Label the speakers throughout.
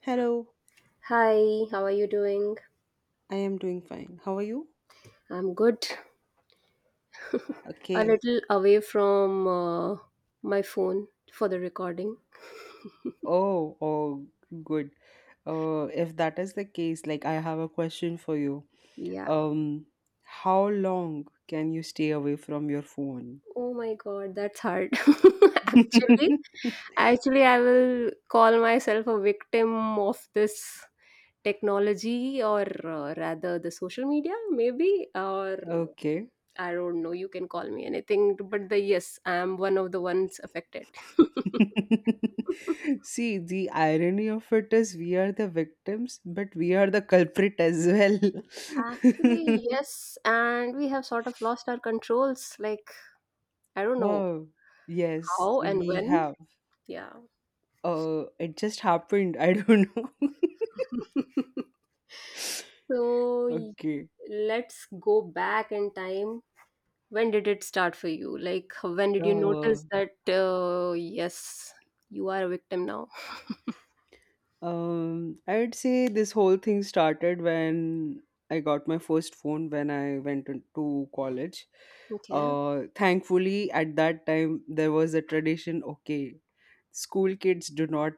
Speaker 1: Hello,
Speaker 2: Hi, how are you doing?
Speaker 1: I am doing fine. How are you?
Speaker 2: I'm good. A
Speaker 1: Okay.
Speaker 2: little away from my phone for the recording.
Speaker 1: Oh, oh, good. If that is the case, like, I have a question for you.
Speaker 2: Yeah.
Speaker 1: Um, how long can you stay away from your phone?
Speaker 2: Oh my god, that's hard. Actually, actually, I will call myself a victim of this technology or rather the social media maybe or
Speaker 1: Okay.
Speaker 2: I don't know, you can call me anything, but the yes, I am one of the ones affected.
Speaker 1: See, the irony of it is we are the victims, but we are the culprit as well.
Speaker 2: Actually, yes, and we have sort of lost our controls. Like, I don't know
Speaker 1: Oh, yes,
Speaker 2: how and
Speaker 1: we
Speaker 2: when.
Speaker 1: have.
Speaker 2: Yeah.
Speaker 1: It just happened. I don't know.
Speaker 2: So y-
Speaker 1: Okay.
Speaker 2: let's go back in time. When did it start for you? Like, when did you
Speaker 1: Uh,
Speaker 2: notice that, yes, you are a victim now?
Speaker 1: I would say this whole thing started when I got my first phone when I went into college.
Speaker 2: Okay.
Speaker 1: Thankfully, at that time there was a tradition. Okay, school kids do not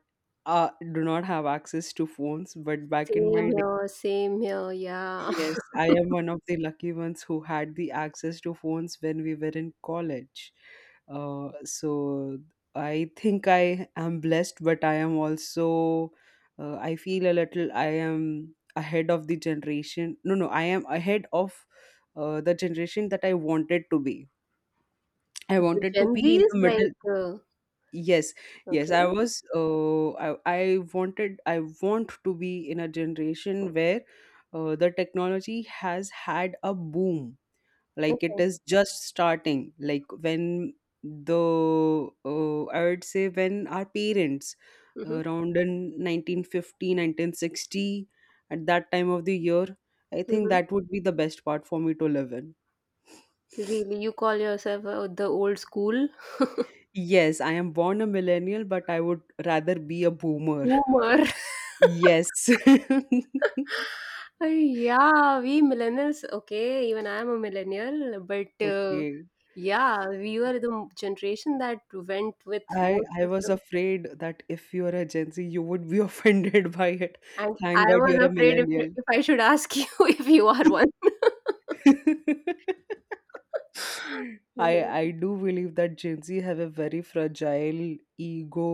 Speaker 1: have access to phones, but back in my
Speaker 2: Same
Speaker 1: day.
Speaker 2: here, same here. Yeah.
Speaker 1: Yes, I am one of the lucky ones who had the access to phones when we were in college. So I think I am blessed, but I am also, I feel a little, I am ahead of the generation. No, no, I am ahead of the generation that I wanted to be. I
Speaker 2: The
Speaker 1: wanted to
Speaker 2: Gen
Speaker 1: be in
Speaker 2: Zs,
Speaker 1: the
Speaker 2: like,
Speaker 1: middle. Yes, yes. I
Speaker 2: okay.
Speaker 1: was. I wanted. I want to be in a generation where the technology has had a boom. Like, it
Speaker 2: Okay.
Speaker 1: is just starting. Like, when the I would say when our parents
Speaker 2: hmm
Speaker 1: around in 1950, 1960, at that time of the year, I think
Speaker 2: hmm
Speaker 1: that would be the best part for me to live in.
Speaker 2: Really, you call yourself the old school
Speaker 1: Yes, I am born a millennial, but I would rather be a boomer.
Speaker 2: boomer?
Speaker 1: Yes.
Speaker 2: Yeah, we millennials, okay, even I am a millennial, but
Speaker 1: Okay.
Speaker 2: yeah, we were the generation that went with
Speaker 1: I
Speaker 2: most
Speaker 1: I
Speaker 2: of
Speaker 1: was
Speaker 2: them.
Speaker 1: afraid that if you are a Gen Z, you would be offended by it.
Speaker 2: And I
Speaker 1: Thank God you're a
Speaker 2: was afraid
Speaker 1: millennial.
Speaker 2: if I should ask you if you are one.
Speaker 1: I
Speaker 2: Yeah,
Speaker 1: I do believe that Gen Z have a very fragile ego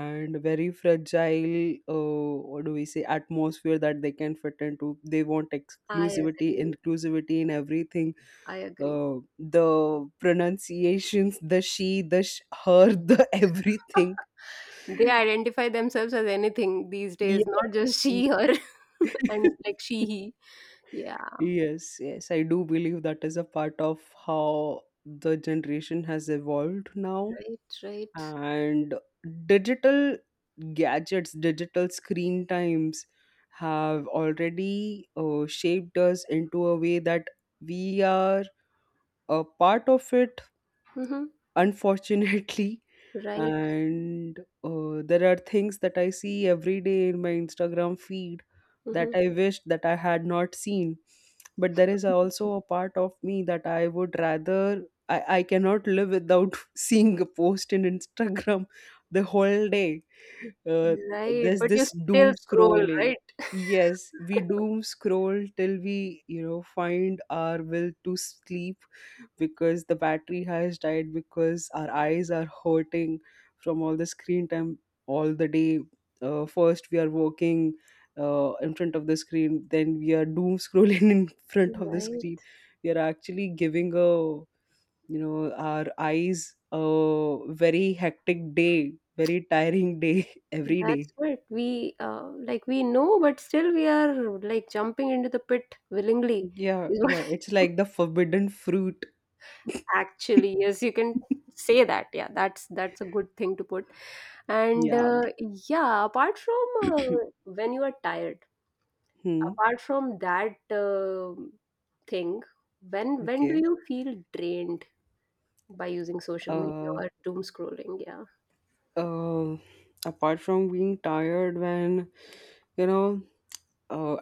Speaker 1: and very fragile what do we say atmosphere that they can fit into. They want
Speaker 2: I
Speaker 1: exclusivity,
Speaker 2: agree.
Speaker 1: inclusivity in everything.
Speaker 2: I agree.
Speaker 1: The pronunciations, the she, her, the everything.
Speaker 2: They identify themselves as anything these
Speaker 1: Yeah.
Speaker 2: days, not just she, her, and like she, he. Yeah,
Speaker 1: Yes, yes, I do believe that is a part of how the generation has evolved now.
Speaker 2: right, right.
Speaker 1: And digital gadgets, digital screen times have already shaped us into a way that we are a part of it,
Speaker 2: Mm-hmm,
Speaker 1: unfortunately.
Speaker 2: right.
Speaker 1: And there are things that I see every day in my Instagram feed that
Speaker 2: Mm-hmm.
Speaker 1: I wish that I had not seen, but there is also a part of me that I would rather I cannot live without seeing a post in Instagram the whole day. uh,
Speaker 2: Right,
Speaker 1: there's
Speaker 2: but you
Speaker 1: this
Speaker 2: still
Speaker 1: doom
Speaker 2: scroll,
Speaker 1: scrolling.
Speaker 2: right?
Speaker 1: Yes, we doom scroll till we, find our will to sleep, because the battery has died, because our eyes are hurting from all the screen time all the day. First, we are working in front of the screen, then we are doom scrolling in front of the screen.
Speaker 2: Right.
Speaker 1: We are actually giving a you know our eyes a very hectic day, very tiring day, every day.
Speaker 2: That's what we like we know, but still we are like jumping into the pit willingly
Speaker 1: Yeah,
Speaker 2: is what
Speaker 1: yeah, it's like the forbidden fruit.
Speaker 2: actually, yes, you can say that. Yeah, that's, a good thing to put. and
Speaker 1: Yeah.
Speaker 2: uh, yeah apart from when you are tired,
Speaker 1: Hmm.
Speaker 2: apart from that thing, when do
Speaker 1: Okay.
Speaker 2: you feel drained by using social media
Speaker 1: uh
Speaker 2: or doom scrolling? Yeah.
Speaker 1: uh Apart from being tired, when, you know uh,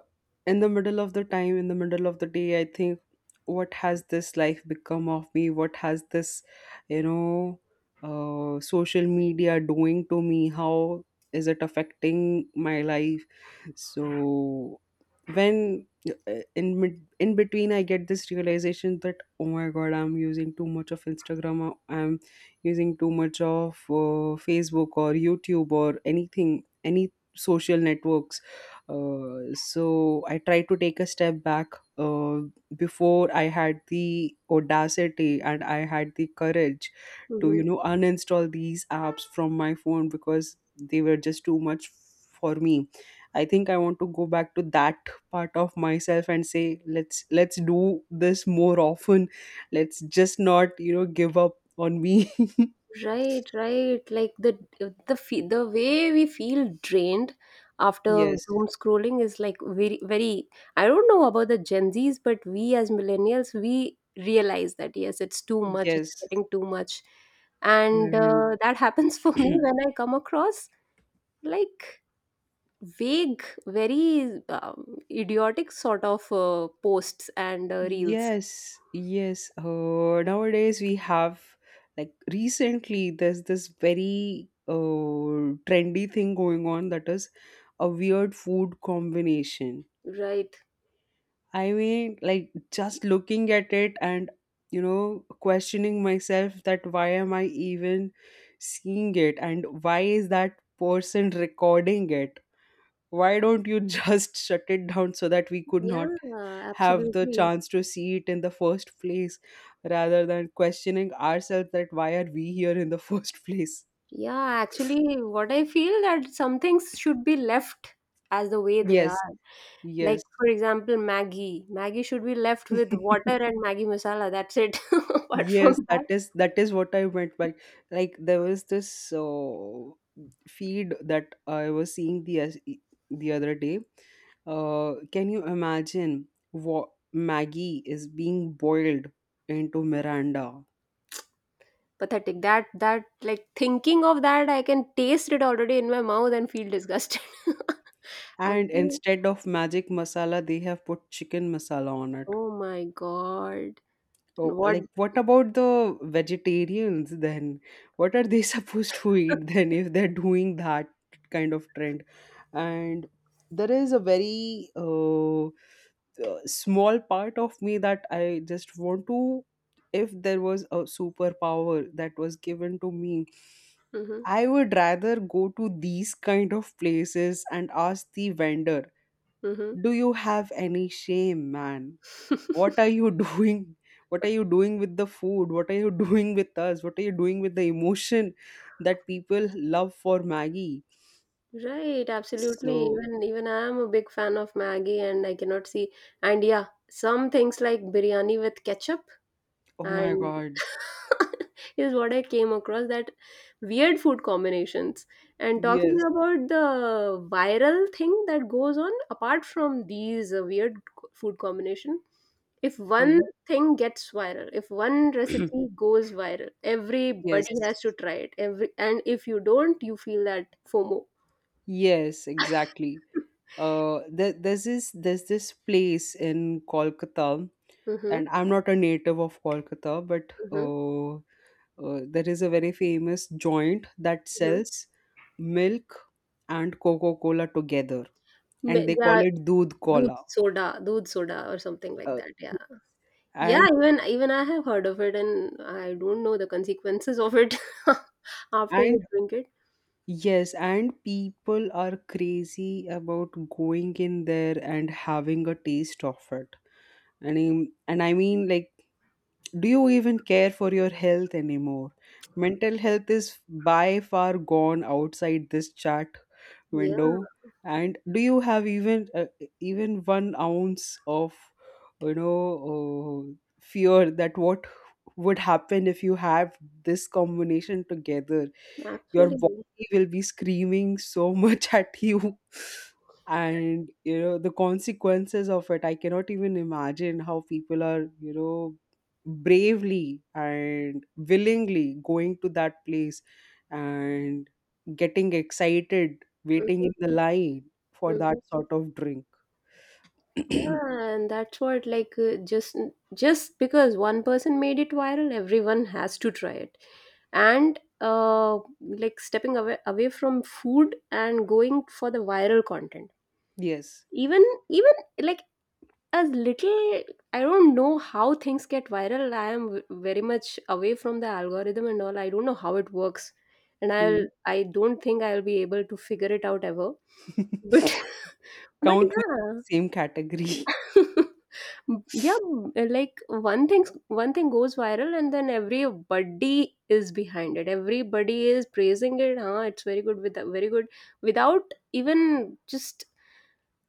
Speaker 1: in the middle of the time, in the middle of the day, I think, what has this life become of me? What has this, you know, social media, doing to me? How is it affecting my life? So when in between I get this realization that, oh my god, I'm using too much of Instagram, or I'm using too much of Facebook or YouTube or anything, any social networks. So I tried to take a step back uh, before I had the audacity and I had the courage to,
Speaker 2: Mm-hmm.
Speaker 1: uninstall these apps from my phone because they were just too much for me. I think I want to go back to that part of myself and say, let's do this more often. Let's just not give up on me.
Speaker 2: Right, right. Like the the way we feel drained after
Speaker 1: Yes,
Speaker 2: doom scrolling is like very. I don't know about the Gen Zs, but we as millennials we realize that yes, it's too much. It's
Speaker 1: yes,
Speaker 2: getting too much, and
Speaker 1: and
Speaker 2: that happens for me when I come across like vague, very idiotic sort of posts and reels.
Speaker 1: yes, yes. Nowadays we have, like, recently there's this very trendy thing going on that is a weird food combination.
Speaker 2: Right.
Speaker 1: I mean, like, just looking at it and questioning myself that why am I even seeing it, and why is that person recording it? Why don't you just shut it down so that we could not
Speaker 2: Yeah,
Speaker 1: have the
Speaker 2: absolutely.
Speaker 1: chance to see it in the first place, rather than questioning ourselves that why are we here in the first place?
Speaker 2: Yeah, actually, what I feel that some things should be left as the way they
Speaker 1: Yes,
Speaker 2: are. Like,
Speaker 1: yes.
Speaker 2: for example, Maggie. Maggie should be left with water and Maggie masala. That's it. Apart from
Speaker 1: Yes,
Speaker 2: that,
Speaker 1: that is what I meant by, like, there was this feed that I was seeing the the other day. Can you imagine what Maggie is being boiled into Miranda,
Speaker 2: pathetic. That, that like thinking of that, I can taste it already in my mouth and feel disgusted.
Speaker 1: and
Speaker 2: Actually,
Speaker 1: instead of magic masala, they have put chicken masala on it?
Speaker 2: oh my God.
Speaker 1: Oh,
Speaker 2: What?
Speaker 1: like, what about the vegetarians then? What are they supposed to eat then if they're doing that kind of trend? And there is a very small part of me that I just want to, if there was a superpower that was given to me,
Speaker 2: hmm
Speaker 1: I would rather go to these kind of places and ask the vendor,
Speaker 2: hmm
Speaker 1: do you have any shame, man? What are you doing? What are you doing with the food? What are you doing with us? What are you doing with the emotion that people love for Maggie?
Speaker 2: Right, absolutely.
Speaker 1: So,
Speaker 2: Even, even I am a big fan of Maggie, and I cannot see. And yeah, some things like biryani with ketchup
Speaker 1: oh my
Speaker 2: and
Speaker 1: god.
Speaker 2: is what I came across, that weird food combinations. And talking
Speaker 1: Yes.
Speaker 2: about the viral thing that goes on, apart from these uh, weird food combination, if one
Speaker 1: Mhm.
Speaker 2: thing gets viral, if one recipe goes viral,
Speaker 1: Yes,
Speaker 2: everybody has to try it. Every, and if you don't, you feel that FOMO.
Speaker 1: yes, exactly. There's this place in Kolkata, and
Speaker 2: Mm-hmm.
Speaker 1: I'm not a native of Kolkata, but
Speaker 2: Mhm,
Speaker 1: uh there is a very famous joint that
Speaker 2: mhm.
Speaker 1: sells milk and Coca Cola together, and they call
Speaker 2: Yeah,
Speaker 1: it Doodh Cola.
Speaker 2: doodh soda or something like
Speaker 1: Uh,
Speaker 2: that, yeah. Yeah,
Speaker 1: and
Speaker 2: even even I have heard of it and I don't know the consequences of it after
Speaker 1: and
Speaker 2: you drink it.
Speaker 1: yes, and people are crazy about going in there and having a taste of it. And I mean, like, do you even care for your health anymore? Mental health is by far gone outside this chat
Speaker 2: Yeah,
Speaker 1: window. And do you have even even one ounce of you know uh, fear that what would happen if you have this combination together? Your
Speaker 2: absolutely.
Speaker 1: body will be screaming so much at you, and you know the consequences of it. I cannot even imagine how people are bravely and willingly going to that place and getting excited waiting
Speaker 2: Mhm,
Speaker 1: in the line for that
Speaker 2: mhm.
Speaker 1: sort of drink.
Speaker 2: Yeah, and that's what like, just because one person made it viral, everyone has to try it. And uh, like stepping away from food and going for the viral content.
Speaker 1: Yes.
Speaker 2: Even even like, as little, I don't know how things get viral. I am very much away from the algorithm and all, I don't know how it works, and
Speaker 1: Hmm.
Speaker 2: I don't think I'll be able to figure it out ever, but but
Speaker 1: Count me
Speaker 2: yeah.
Speaker 1: in the same category.
Speaker 2: Yeah, like one thing goes viral and then everybody is behind it, everybody is praising it, huh, it's very good, with very good, without even just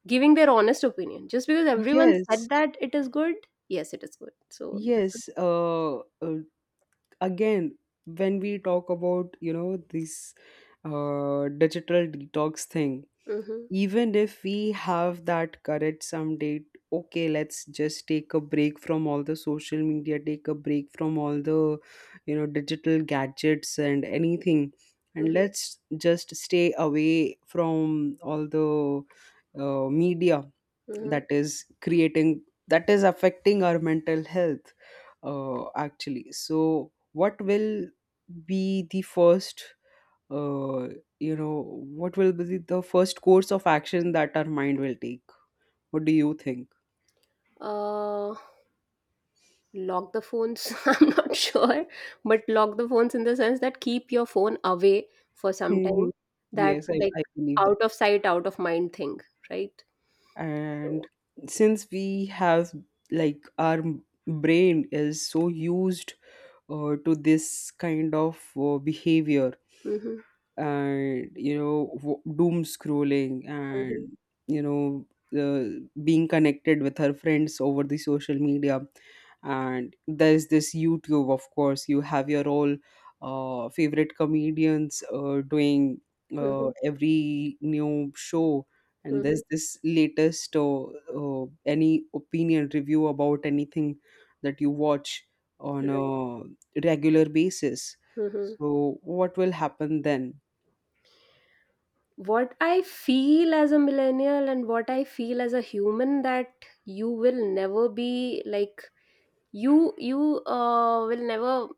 Speaker 2: giving their honest opinion. Just because everyone
Speaker 1: Yes,
Speaker 2: said that it is good, yes, it is good. So this is.
Speaker 1: yes. Again, when we talk about this digital detox thing,
Speaker 2: hmm
Speaker 1: even if we have that courage someday, okay, let's just take a break from all the social media, take a break from all the digital gadgets and anything, and
Speaker 2: hmm
Speaker 1: let's just stay away from all the media
Speaker 2: hmm
Speaker 1: that is affecting our mental health. Actually, so what will be the first uh, you know, course of action that our mind will take? What do you think?
Speaker 2: Uh, lock the phones. I'm not sure, but lock the phones in the sense that keep your phone away for some
Speaker 1: Hmm.
Speaker 2: time. That
Speaker 1: Yes, I,
Speaker 2: like
Speaker 1: I believe that.
Speaker 2: out of sight, out of mind thing, right? So.
Speaker 1: And since we have, like, our brain is so used to this kind of behavior,
Speaker 2: hmm
Speaker 1: and doom scrolling,
Speaker 2: hmm
Speaker 1: and you know the being connected with her friends over the social media. And there's this YouTube; of course you have your all favorite comedians doing
Speaker 2: hmm
Speaker 1: every new show, and
Speaker 2: hmm
Speaker 1: there's this latest any opinion review about anything that you watch on
Speaker 2: Right.
Speaker 1: a regular basis.
Speaker 2: hmm
Speaker 1: So what will happen then?
Speaker 2: what I feel as a millennial and what I feel as a human, that you will never be like, you will never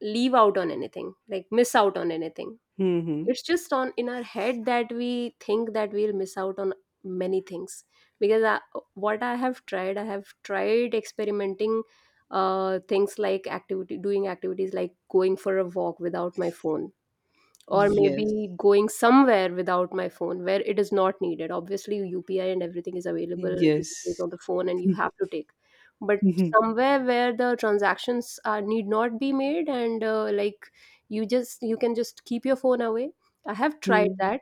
Speaker 2: leave out on anything, like miss out on anything.
Speaker 1: Mhm.
Speaker 2: It's just on in our head that we think that we'll miss out on many things, because I, what I have tried experimenting things like activity, doing activities like going for a walk without my phone, or
Speaker 1: Yes.
Speaker 2: maybe going somewhere without my phone where it is not needed. Obviously UPI and everything is available these days
Speaker 1: Yes.
Speaker 2: on the phone and you have to take, but
Speaker 1: Mhm.
Speaker 2: somewhere where the transactions are need not be made and like you just, you can just keep your phone away. I have tried that,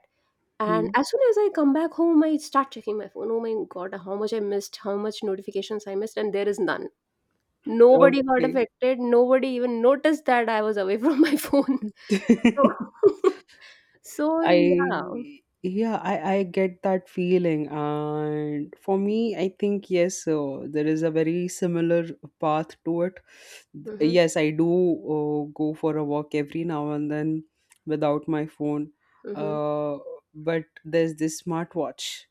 Speaker 2: and
Speaker 1: Mhm.
Speaker 2: as soon as I come back home, I start checking my phone, oh my god, how much I missed, how much notifications I missed, and there is none. Nobody got
Speaker 1: Okay.
Speaker 2: affected, nobody even noticed that I was away from my phone. So. So yeah.
Speaker 1: I yeah, I get that feeling, and for me, I think yes, so there is a very similar path to it.
Speaker 2: Mhm.
Speaker 1: Yes, I do go for a walk every now and then without my phone,
Speaker 2: Mhm.
Speaker 1: uh, but there's this smartwatch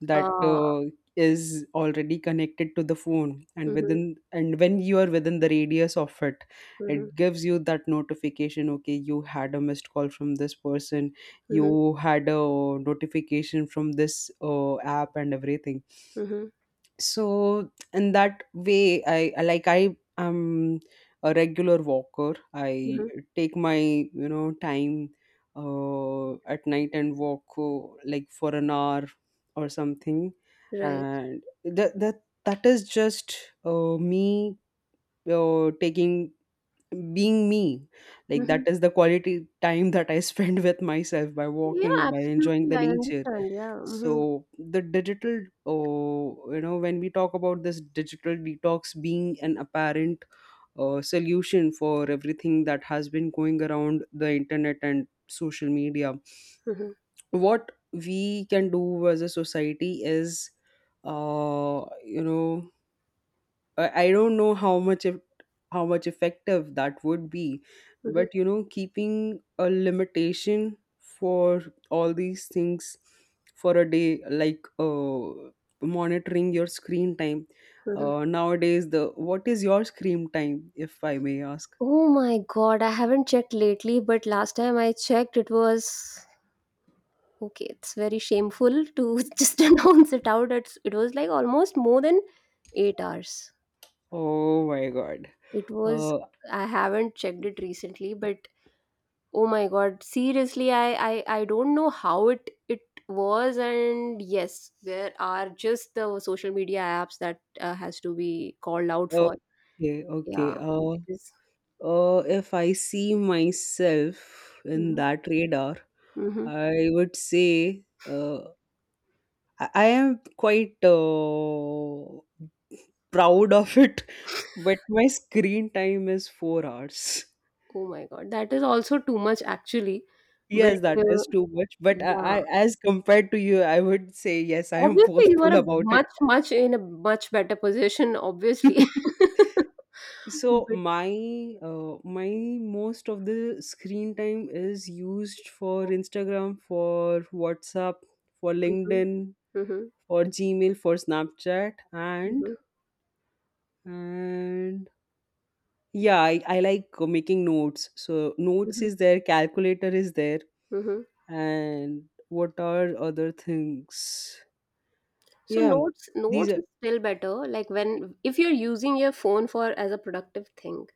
Speaker 1: that
Speaker 2: Uh,
Speaker 1: is already connected to the phone, and
Speaker 2: mhm.
Speaker 1: within and when you are within the radius of it,
Speaker 2: Mhm.
Speaker 1: it gives you that notification. Okay, you had a missed call from this person,
Speaker 2: Mhm.
Speaker 1: you had a notification from this app and everything.
Speaker 2: Mhm.
Speaker 1: So, in that way, I like, I am a regular walker. I
Speaker 2: Mhm.
Speaker 1: take my time at night and walk, like, for an hour or something.
Speaker 2: Right.
Speaker 1: And that is just me, taking being me. Like, that
Speaker 2: Mhm.
Speaker 1: is the quality time that I spend with myself, by
Speaker 2: Yeah,
Speaker 1: walking, by enjoying
Speaker 2: absolutely.
Speaker 1: the
Speaker 2: I
Speaker 1: nature.
Speaker 2: understand. Yeah. Mhm.
Speaker 1: So, the digital oh you know when we talk about this digital detox being an apparent solution for everything that has been going around the internet and social media,
Speaker 2: Mhm.
Speaker 1: what we can do as a society is, uh you know I don't know how much if, how much effective that would be,
Speaker 2: Mhm.
Speaker 1: but, keeping a limitation for all these things for a day, like, monitoring your screen time.
Speaker 2: Mhm.
Speaker 1: Nowadays, the what is your screen time, if I may ask?
Speaker 2: Oh my God, I haven't checked lately, but last time I checked, it was okay. It's very shameful to just announce it out. It's, it was like almost more than 8 hours.
Speaker 1: Oh my God.
Speaker 2: It was,
Speaker 1: Uh,
Speaker 2: I haven't checked it recently, but oh my god, seriously, I don't know how it it was. And yes, there are just the social media apps that has to be called out for.
Speaker 1: okay,
Speaker 2: Yeah,
Speaker 1: okay. Uh,
Speaker 2: because
Speaker 1: uh, if I see myself in
Speaker 2: mhm,
Speaker 1: that radar,
Speaker 2: mhm.
Speaker 1: I would say. I am quite proud of it, but my screen time is 4 hours.
Speaker 2: Oh my god, that is also too much actually. But
Speaker 1: Yes, that is too much.
Speaker 2: yeah,
Speaker 1: I, as compared to you, I would say yes, I am
Speaker 2: obviously you
Speaker 1: boastful
Speaker 2: are a
Speaker 1: about it.
Speaker 2: much much, in a much better position obviously.
Speaker 1: So
Speaker 2: But
Speaker 1: my most of the screen time is used for Instagram, for WhatsApp, for
Speaker 2: mhm,
Speaker 1: LinkedIn,
Speaker 2: mhm,
Speaker 1: for Gmail, for Snapchat,
Speaker 2: mhm,
Speaker 1: and
Speaker 2: mhm,
Speaker 1: and yeah I like making notes, so notes
Speaker 2: mhm,
Speaker 1: is there, calculator is there,
Speaker 2: mhm.
Speaker 1: and what are other things?
Speaker 2: So
Speaker 1: Yeah,
Speaker 2: notes
Speaker 1: these
Speaker 2: notes
Speaker 1: are,
Speaker 2: is still better like when, if you're using your phone for as a productive thing.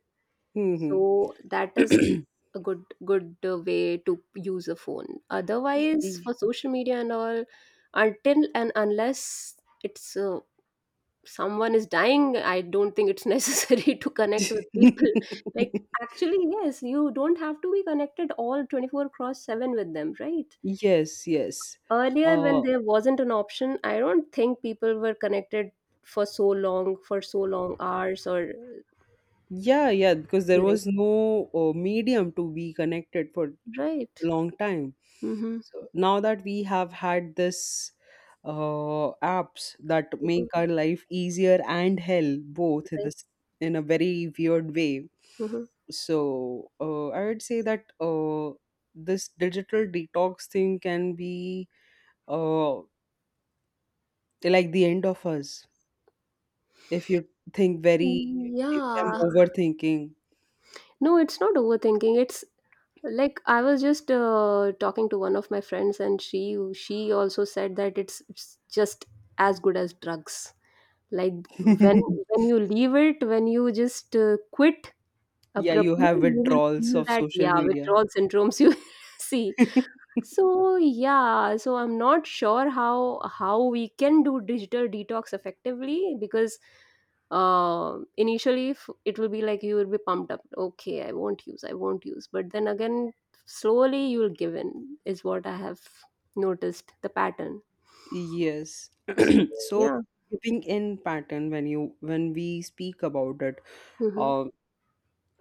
Speaker 1: hmm.
Speaker 2: So that is a good way to use a phone. Otherwise for social media and all, until and unless it's someone is dying, I don't think it's necessary to connect with people. Like actually yes, you don't have to be connected all 24 cross 7 with them, right?
Speaker 1: Yes, yes.
Speaker 2: Earlier,
Speaker 1: uh
Speaker 2: when there wasn't an option, I don't think people were connected for so long hours or
Speaker 1: yeah, yeah, because there
Speaker 2: duration.
Speaker 1: was no medium to be connected for a
Speaker 2: Right.
Speaker 1: long time.
Speaker 2: Mm-hmm.
Speaker 1: So now that we have had this apps that
Speaker 2: Mhm,
Speaker 1: make our life easier and hell both in
Speaker 2: right.
Speaker 1: this, in a very weird way.
Speaker 2: Mhm.
Speaker 1: So I would say that this digital detox thing can be uh, like the end of us if you think very, if I'm
Speaker 2: Yeah.
Speaker 1: overthinking.
Speaker 2: No, it's not overthinking. It's like I was just talking to one of my friends, and she also said that it's just as good as drugs. Like when when you leave it, when you just quit
Speaker 1: Yeah, you
Speaker 2: abruptly,
Speaker 1: have
Speaker 2: you will
Speaker 1: withdrawals
Speaker 2: feel
Speaker 1: of
Speaker 2: that
Speaker 1: social
Speaker 2: yeah,
Speaker 1: media.
Speaker 2: withdrawal syndromes, you see. So yeah, so I'm not sure how we can do digital detox effectively, because initially it will be like you will be pumped up. Okay, I won't use, but then again, slowly you will give in is what I have noticed the pattern.
Speaker 1: Yes.
Speaker 2: So
Speaker 1: So
Speaker 2: yeah.
Speaker 1: giving in pattern when you when we speak about it,
Speaker 2: hmm
Speaker 1: uh,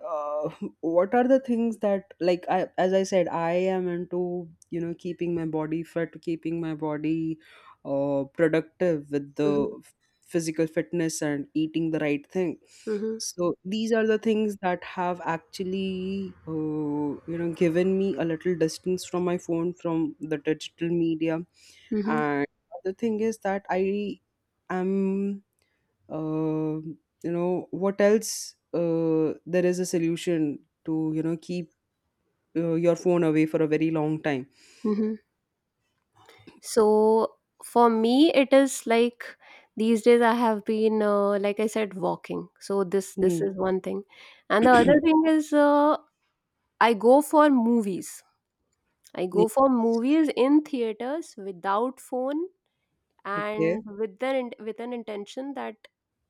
Speaker 1: uh, what are the things that, like, I, as I said, I am into, you know, keeping my body fit, keeping my body productive with
Speaker 2: hmm
Speaker 1: the physical fitness and eating the right thing.
Speaker 2: hmm
Speaker 1: So these are the things that have actually, you know, given me a little distance from my phone, from the digital media.
Speaker 2: hmm
Speaker 1: And the thing is that am, you know, what else? There is a solution to, you know, keep your phone away for a very long time.
Speaker 2: hmm So for me, it is like these days I have been, like I said, walking. So this
Speaker 1: Hmm.
Speaker 2: is one thing, and the other thing is I go for movies. I
Speaker 1: Yeah.
Speaker 2: go for movies in theaters without phone
Speaker 1: Okay.
Speaker 2: and with the with an intention that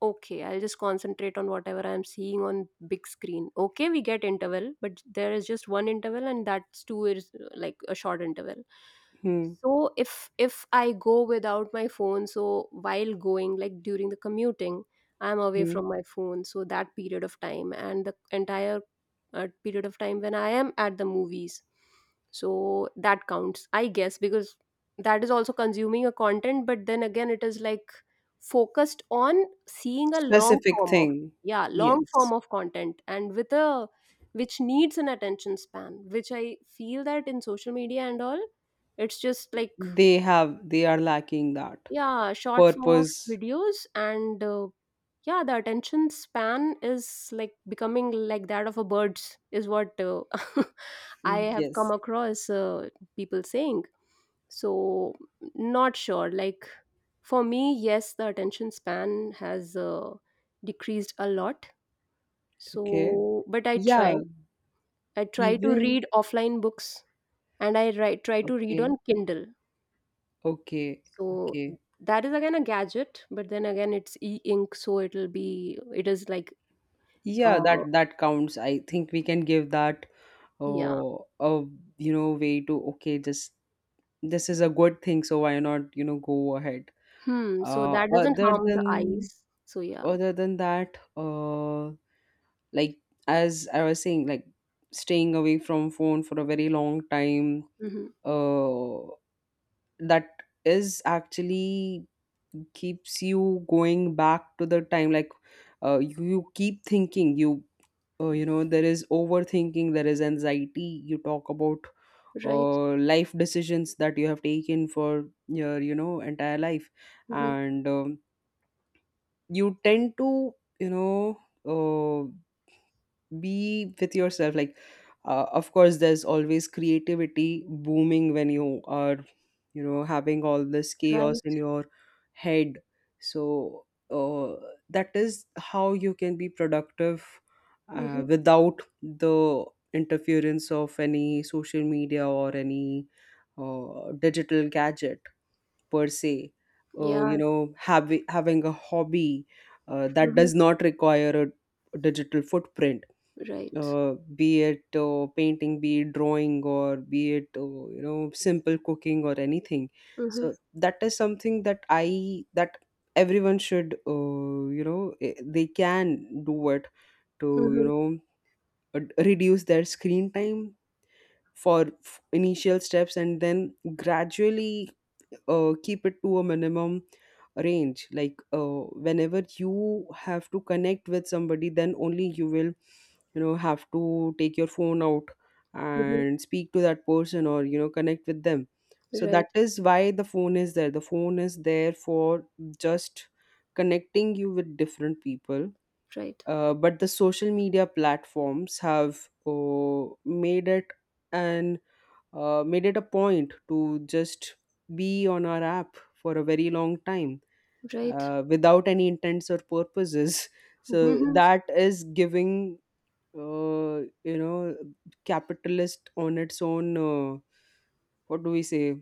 Speaker 2: okay, I'll just concentrate on whatever I'm seeing on big screen. Okay, we get interval, but there is just one interval and that's two is like a short interval.
Speaker 1: Hmm.
Speaker 2: So if I go without my phone, so while going, like during the commuting, I'm away
Speaker 1: Hmm.
Speaker 2: from my phone, so that period of time and the entire period of time when I am at the movies, so that counts, I guess, because that is also consuming a content, but then again it is like focused on seeing a long
Speaker 1: Specific
Speaker 2: form of,
Speaker 1: thing.
Speaker 2: yeah, long
Speaker 1: Yes.
Speaker 2: form of content and with a, which needs an attention span, which I feel that in social media and all, it's just like
Speaker 1: They have, they are lacking that
Speaker 2: yeah, short form of
Speaker 1: purpose.
Speaker 2: videos and yeah, the attention span is like becoming like that of a bird's is what I have come
Speaker 1: Yes.
Speaker 2: across people saying. So not sure, like for me yes, the attention span has decreased a lot.
Speaker 1: Okay.
Speaker 2: So but I try,
Speaker 1: Yeah.
Speaker 2: I try to
Speaker 1: Even,
Speaker 2: read offline books, and I try to read on
Speaker 1: okay.
Speaker 2: Kindle.
Speaker 1: Okay.
Speaker 2: So
Speaker 1: Okay.
Speaker 2: that is again a gadget, but then again it's e-ink, so it'll be, it is like,
Speaker 1: Yeah,
Speaker 2: uh,
Speaker 1: that that counts. I think we can give that,
Speaker 2: yeah.
Speaker 1: oh, a, you know, way to, okay, just this is a good thing, so why not, you know, go ahead.
Speaker 2: Hmm. So that doesn't
Speaker 1: Other
Speaker 2: harm the
Speaker 1: than,
Speaker 2: eyes. So yeah.
Speaker 1: other than that, like as I was saying, like, staying away from phone for a very long time,
Speaker 2: Mm-hmm.
Speaker 1: uh that is actually keeps you going back to the time, like, you, you keep thinking you, you know, there is overthinking, there is anxiety, you talk about
Speaker 2: Right.
Speaker 1: life decisions that you have taken for your, you know, entire life.
Speaker 2: Mm-hmm.
Speaker 1: And you tend to, you know, uh, be with yourself, like, of course there's always creativity booming when you are, you know, having all this chaos
Speaker 2: Right.
Speaker 1: in your head. So that is how you can be productive
Speaker 2: Mm-hmm.
Speaker 1: without the interference of any social media or any digital gadget, per se. You
Speaker 2: Yeah.
Speaker 1: know, having a hobby that
Speaker 2: Mm-hmm.
Speaker 1: does not require a digital footprint,
Speaker 2: Right.
Speaker 1: be it painting, be it drawing, or be it you know, simple cooking or anything.
Speaker 2: Mm-hmm.
Speaker 1: So that is something that I that everyone should, you know, eh, they can do it to, you
Speaker 2: Mm-hmm.
Speaker 1: know, reduce their screen time for initial steps and then gradually keep it to a minimum range, like, whenever you have to connect with somebody, then only you will, you know, have to take your phone out
Speaker 2: Mm-hmm.
Speaker 1: and speak to that person or, you know, connect with them. So that
Speaker 2: Right.
Speaker 1: is why the phone is there for just connecting you with different people.
Speaker 2: Right.
Speaker 1: But the social media platforms have made it an, made it a point to just be on our app for a very long time
Speaker 2: Right.
Speaker 1: without any intents or purposes. So
Speaker 2: Mm-hmm.
Speaker 1: that is giving, you know, capitalist on its own. What do we say?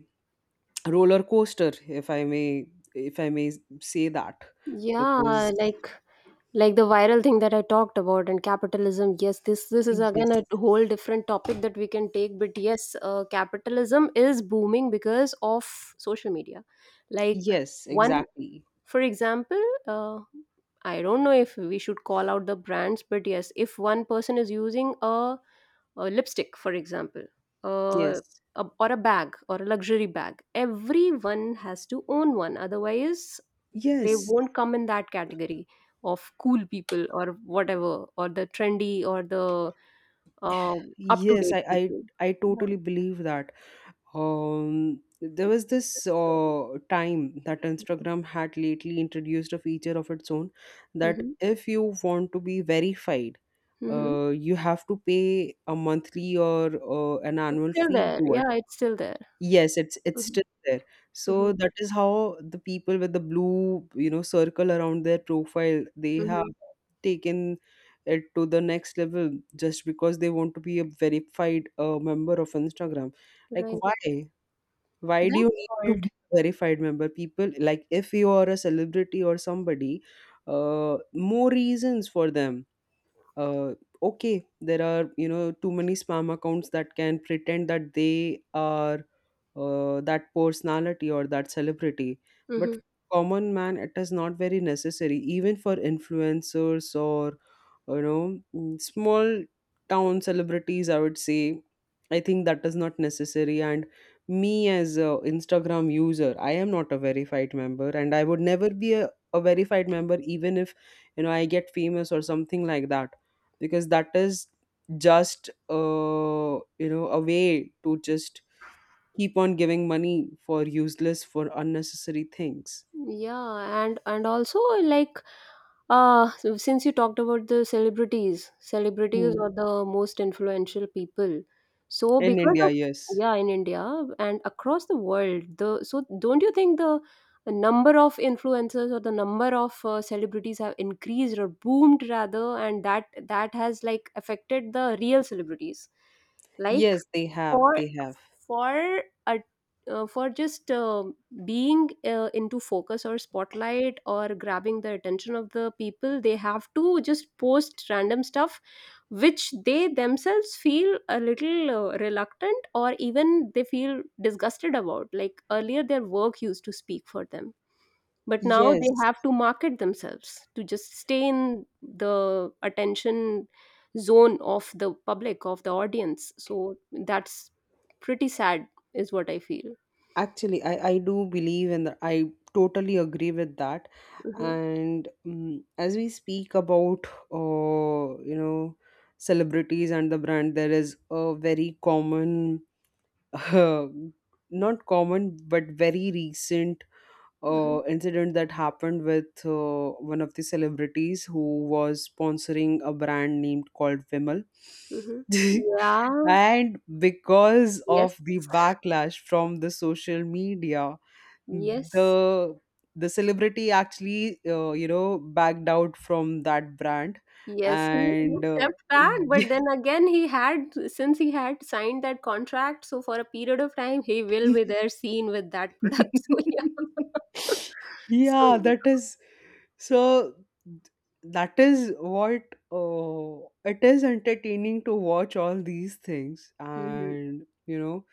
Speaker 1: Roller coaster, if I may say that,
Speaker 2: Yeah,
Speaker 1: because
Speaker 2: like Like the viral thing that I talked about and capitalism, yes, this is again
Speaker 1: yes,
Speaker 2: a whole different topic that we can take. But yes, capitalism is booming because of social media. Like
Speaker 1: yes,
Speaker 2: one,
Speaker 1: exactly,
Speaker 2: for example, I don't know if we should call out the brands, but yes, if one person is using a lipstick, for example, uh,
Speaker 1: yes,
Speaker 2: a, or a bag or a luxury bag, everyone has to own one. Otherwise, they
Speaker 1: yes.
Speaker 2: won't come in that category of cool people or whatever or the trendy or the uh, up to
Speaker 1: Yes,
Speaker 2: date people.
Speaker 1: I
Speaker 2: Yeah.
Speaker 1: totally believe that. There was this
Speaker 2: Yes, so.
Speaker 1: time that Instagram had lately introduced a feature of its own that
Speaker 2: Hmm.
Speaker 1: if you want to be verified,
Speaker 2: Hmm.
Speaker 1: you have to pay a monthly or an
Speaker 2: It's
Speaker 1: annual
Speaker 2: still
Speaker 1: fee
Speaker 2: there.
Speaker 1: to it.
Speaker 2: Yeah, it's still there.
Speaker 1: Yes, it's
Speaker 2: Hmm.
Speaker 1: still there.
Speaker 2: Hmm.
Speaker 1: So that is how the people with the blue, you know, circle around their profile, they have
Speaker 2: Hmm.
Speaker 1: taken it to the next level just because they want to be a verified member of Instagram. Like,
Speaker 2: Right.
Speaker 1: why? Why do you
Speaker 2: That's
Speaker 1: need to
Speaker 2: what.
Speaker 1: be a verified member? People, like, if you are a celebrity or somebody, more reasons for them. Uh, okay, there are, you know, too many spam accounts that can pretend that they are that personality or that celebrity, but
Speaker 2: Hmm.
Speaker 1: for common man it is not very necessary, even for influencers or, you know, mm, small town celebrities, I would say, I think that is not necessary. And me as a Instagram user, I am not a verified member and I would never be a verified member, even if, you know, I get famous or something like that, because that is just you know, a way to just keep on giving money for useless, for unnecessary things.
Speaker 2: Yeah, and also, since you talked about the celebrities, celebrities
Speaker 1: Hmm.
Speaker 2: are the most influential people. So
Speaker 1: In
Speaker 2: because
Speaker 1: India,
Speaker 2: of,
Speaker 1: yes.
Speaker 2: yeah, in India and across the world, the so don't you think the number of influencers or the number of celebrities have increased or boomed rather, and that has like affected the real celebrities? Like
Speaker 1: Yes, they have.
Speaker 2: for
Speaker 1: They have.
Speaker 2: for a for just being into focus or spotlight or grabbing the attention of the people, they have to just post random stuff which they themselves feel a little reluctant or even they feel disgusted about. Like earlier their work used to speak for them, but now they
Speaker 1: Yes,
Speaker 2: have to market themselves to just stay in the attention zone of the public, of the audience. So that's pretty sad is what I feel.
Speaker 1: actually, I do believe in that. I totally agree with that.
Speaker 2: Hmm.
Speaker 1: And as we speak about, you know, celebrities and the brand, there is a very common, uh, not common, but very recent
Speaker 2: Hmm.
Speaker 1: incident that happened with one of the celebrities who was sponsoring a brand named called Vimal.
Speaker 2: Hmm. Yeah.
Speaker 1: And because of
Speaker 2: Yes.
Speaker 1: the backlash from the social media,
Speaker 2: Yes.
Speaker 1: the the celebrity actually you know, backed out from that brand.
Speaker 2: Yes, he
Speaker 1: And
Speaker 2: stepped back, but then again, he had, since he had signed that contract, so for a period of time he will be there, seen with that product. So yeah. So
Speaker 1: yeah, that
Speaker 2: yeah.
Speaker 1: is, so that is what it is entertaining to watch all these things,
Speaker 2: Mhm.
Speaker 1: and you know,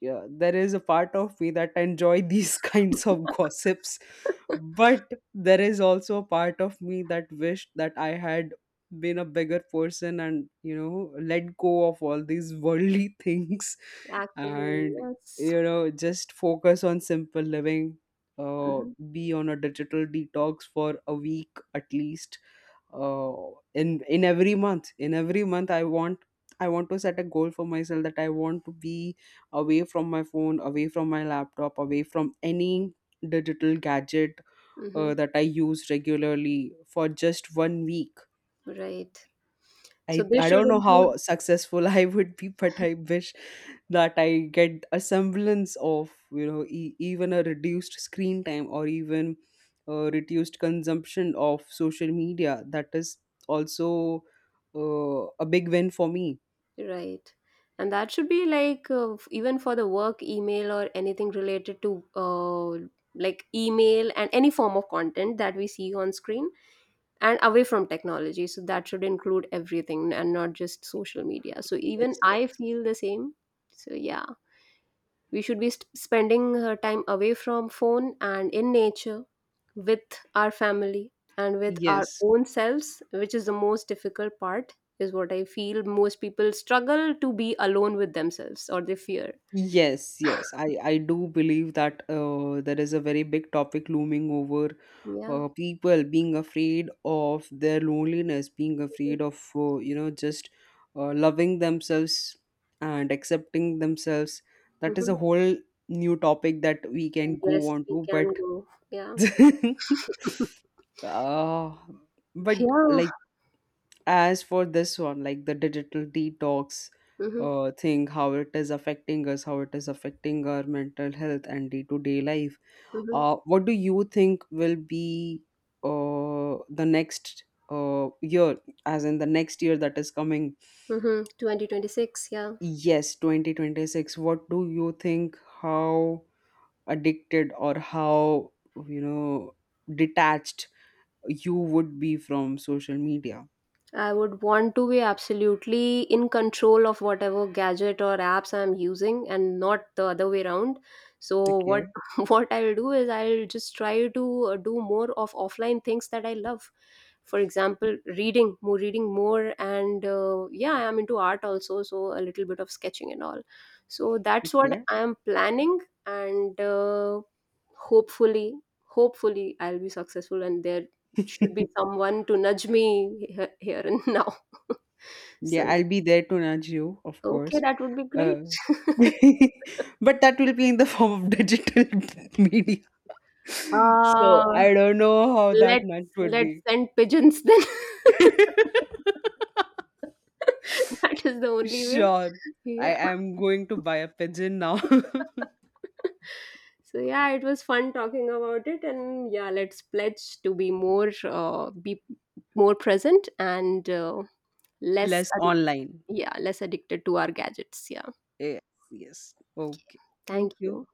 Speaker 1: yeah, there is a part of me that enjoy these kinds of gossips, but there is also a part of me that wished that I had been a bigger person and, you know, let go of all these worldly things
Speaker 2: Actually,
Speaker 1: and,
Speaker 2: yes.
Speaker 1: you know, just focus on simple living. uh
Speaker 2: Mhm.
Speaker 1: be on a digital detox for a week at least, uh, in every month I want, I want to set a goal for myself that I want to be away from my phone, away from my laptop, away from any digital gadget
Speaker 2: Mhm.
Speaker 1: that I use regularly for just 1 week.
Speaker 2: Right. So
Speaker 1: i
Speaker 2: this
Speaker 1: i
Speaker 2: should
Speaker 1: don't know how
Speaker 2: include,
Speaker 1: successful I would be, but I wish that I get a semblance of, you know, e- even a reduced screen time or even reduced consumption of social media. That is also a big win for me.
Speaker 2: right. And that should be like, even for the work email or anything related to, like email and any form of content that we see on screen and away from technology. So that should include everything and not just social media. So even
Speaker 1: Yes, yes,
Speaker 2: I feel the same. So yeah. We should be spending time away from phone and in nature, with our family and with our
Speaker 1: yes.
Speaker 2: own selves, which is the most difficult part is what I feel. Most people struggle to be alone with themselves or they fear.
Speaker 1: Yes, yes. I do believe that there is a very big topic looming over
Speaker 2: Yeah.
Speaker 1: people being afraid of their loneliness, being afraid of, you know, just loving themselves and accepting themselves. That is
Speaker 2: Mm-hmm.
Speaker 1: a whole new topic that we can
Speaker 2: Yes,
Speaker 1: go on
Speaker 2: we
Speaker 1: to,
Speaker 2: can
Speaker 1: but
Speaker 2: go. Yeah.
Speaker 1: uh, but
Speaker 2: Yeah.
Speaker 1: like, as for this one, like the digital detox
Speaker 2: Mm-hmm.
Speaker 1: thing, how it is affecting us, how it is affecting our mental health and day-to-day life.
Speaker 2: Mm-hmm.
Speaker 1: What do you think will be the next year as in the next year that is coming?
Speaker 2: Mm-hmm. 2026, yeah.
Speaker 1: Yes, 2026. What do you think? How addicted or how, you know, detached you would be from social media?
Speaker 2: I would want to be absolutely in control of whatever gadget or apps I'm using and not the other way around. So
Speaker 1: Okay,
Speaker 2: what what I'll do is I'll just try to do more of offline things that I love. For example, reading, more. And yeah, I am into art also, so a little bit of sketching and all. So that's what
Speaker 1: okay.
Speaker 2: I am planning. And hopefully, I'll be successful, and there should be someone to nudge me here and now. So
Speaker 1: Yeah, I'll be
Speaker 2: yeah,
Speaker 1: there to nudge you, of
Speaker 2: okay,
Speaker 1: course.
Speaker 2: that would be
Speaker 1: Uh,
Speaker 2: great.
Speaker 1: but that will be in the form of digital media. So
Speaker 2: Ah,
Speaker 1: I don't know how that
Speaker 2: let's
Speaker 1: nudge would
Speaker 2: let's
Speaker 1: be.
Speaker 2: send pigeons then. That is the only way.
Speaker 1: Sure. I
Speaker 2: Yeah.
Speaker 1: am going to buy a pigeon now.
Speaker 2: So yeah, it was fun talking about it, and yeah, let's pledge to be more present and less
Speaker 1: Less
Speaker 2: addic-,
Speaker 1: online.
Speaker 2: yeah, less addicted to our gadgets. Yeah.
Speaker 1: Yes, yes. Okay. Thank
Speaker 2: Thank
Speaker 1: you.
Speaker 2: you.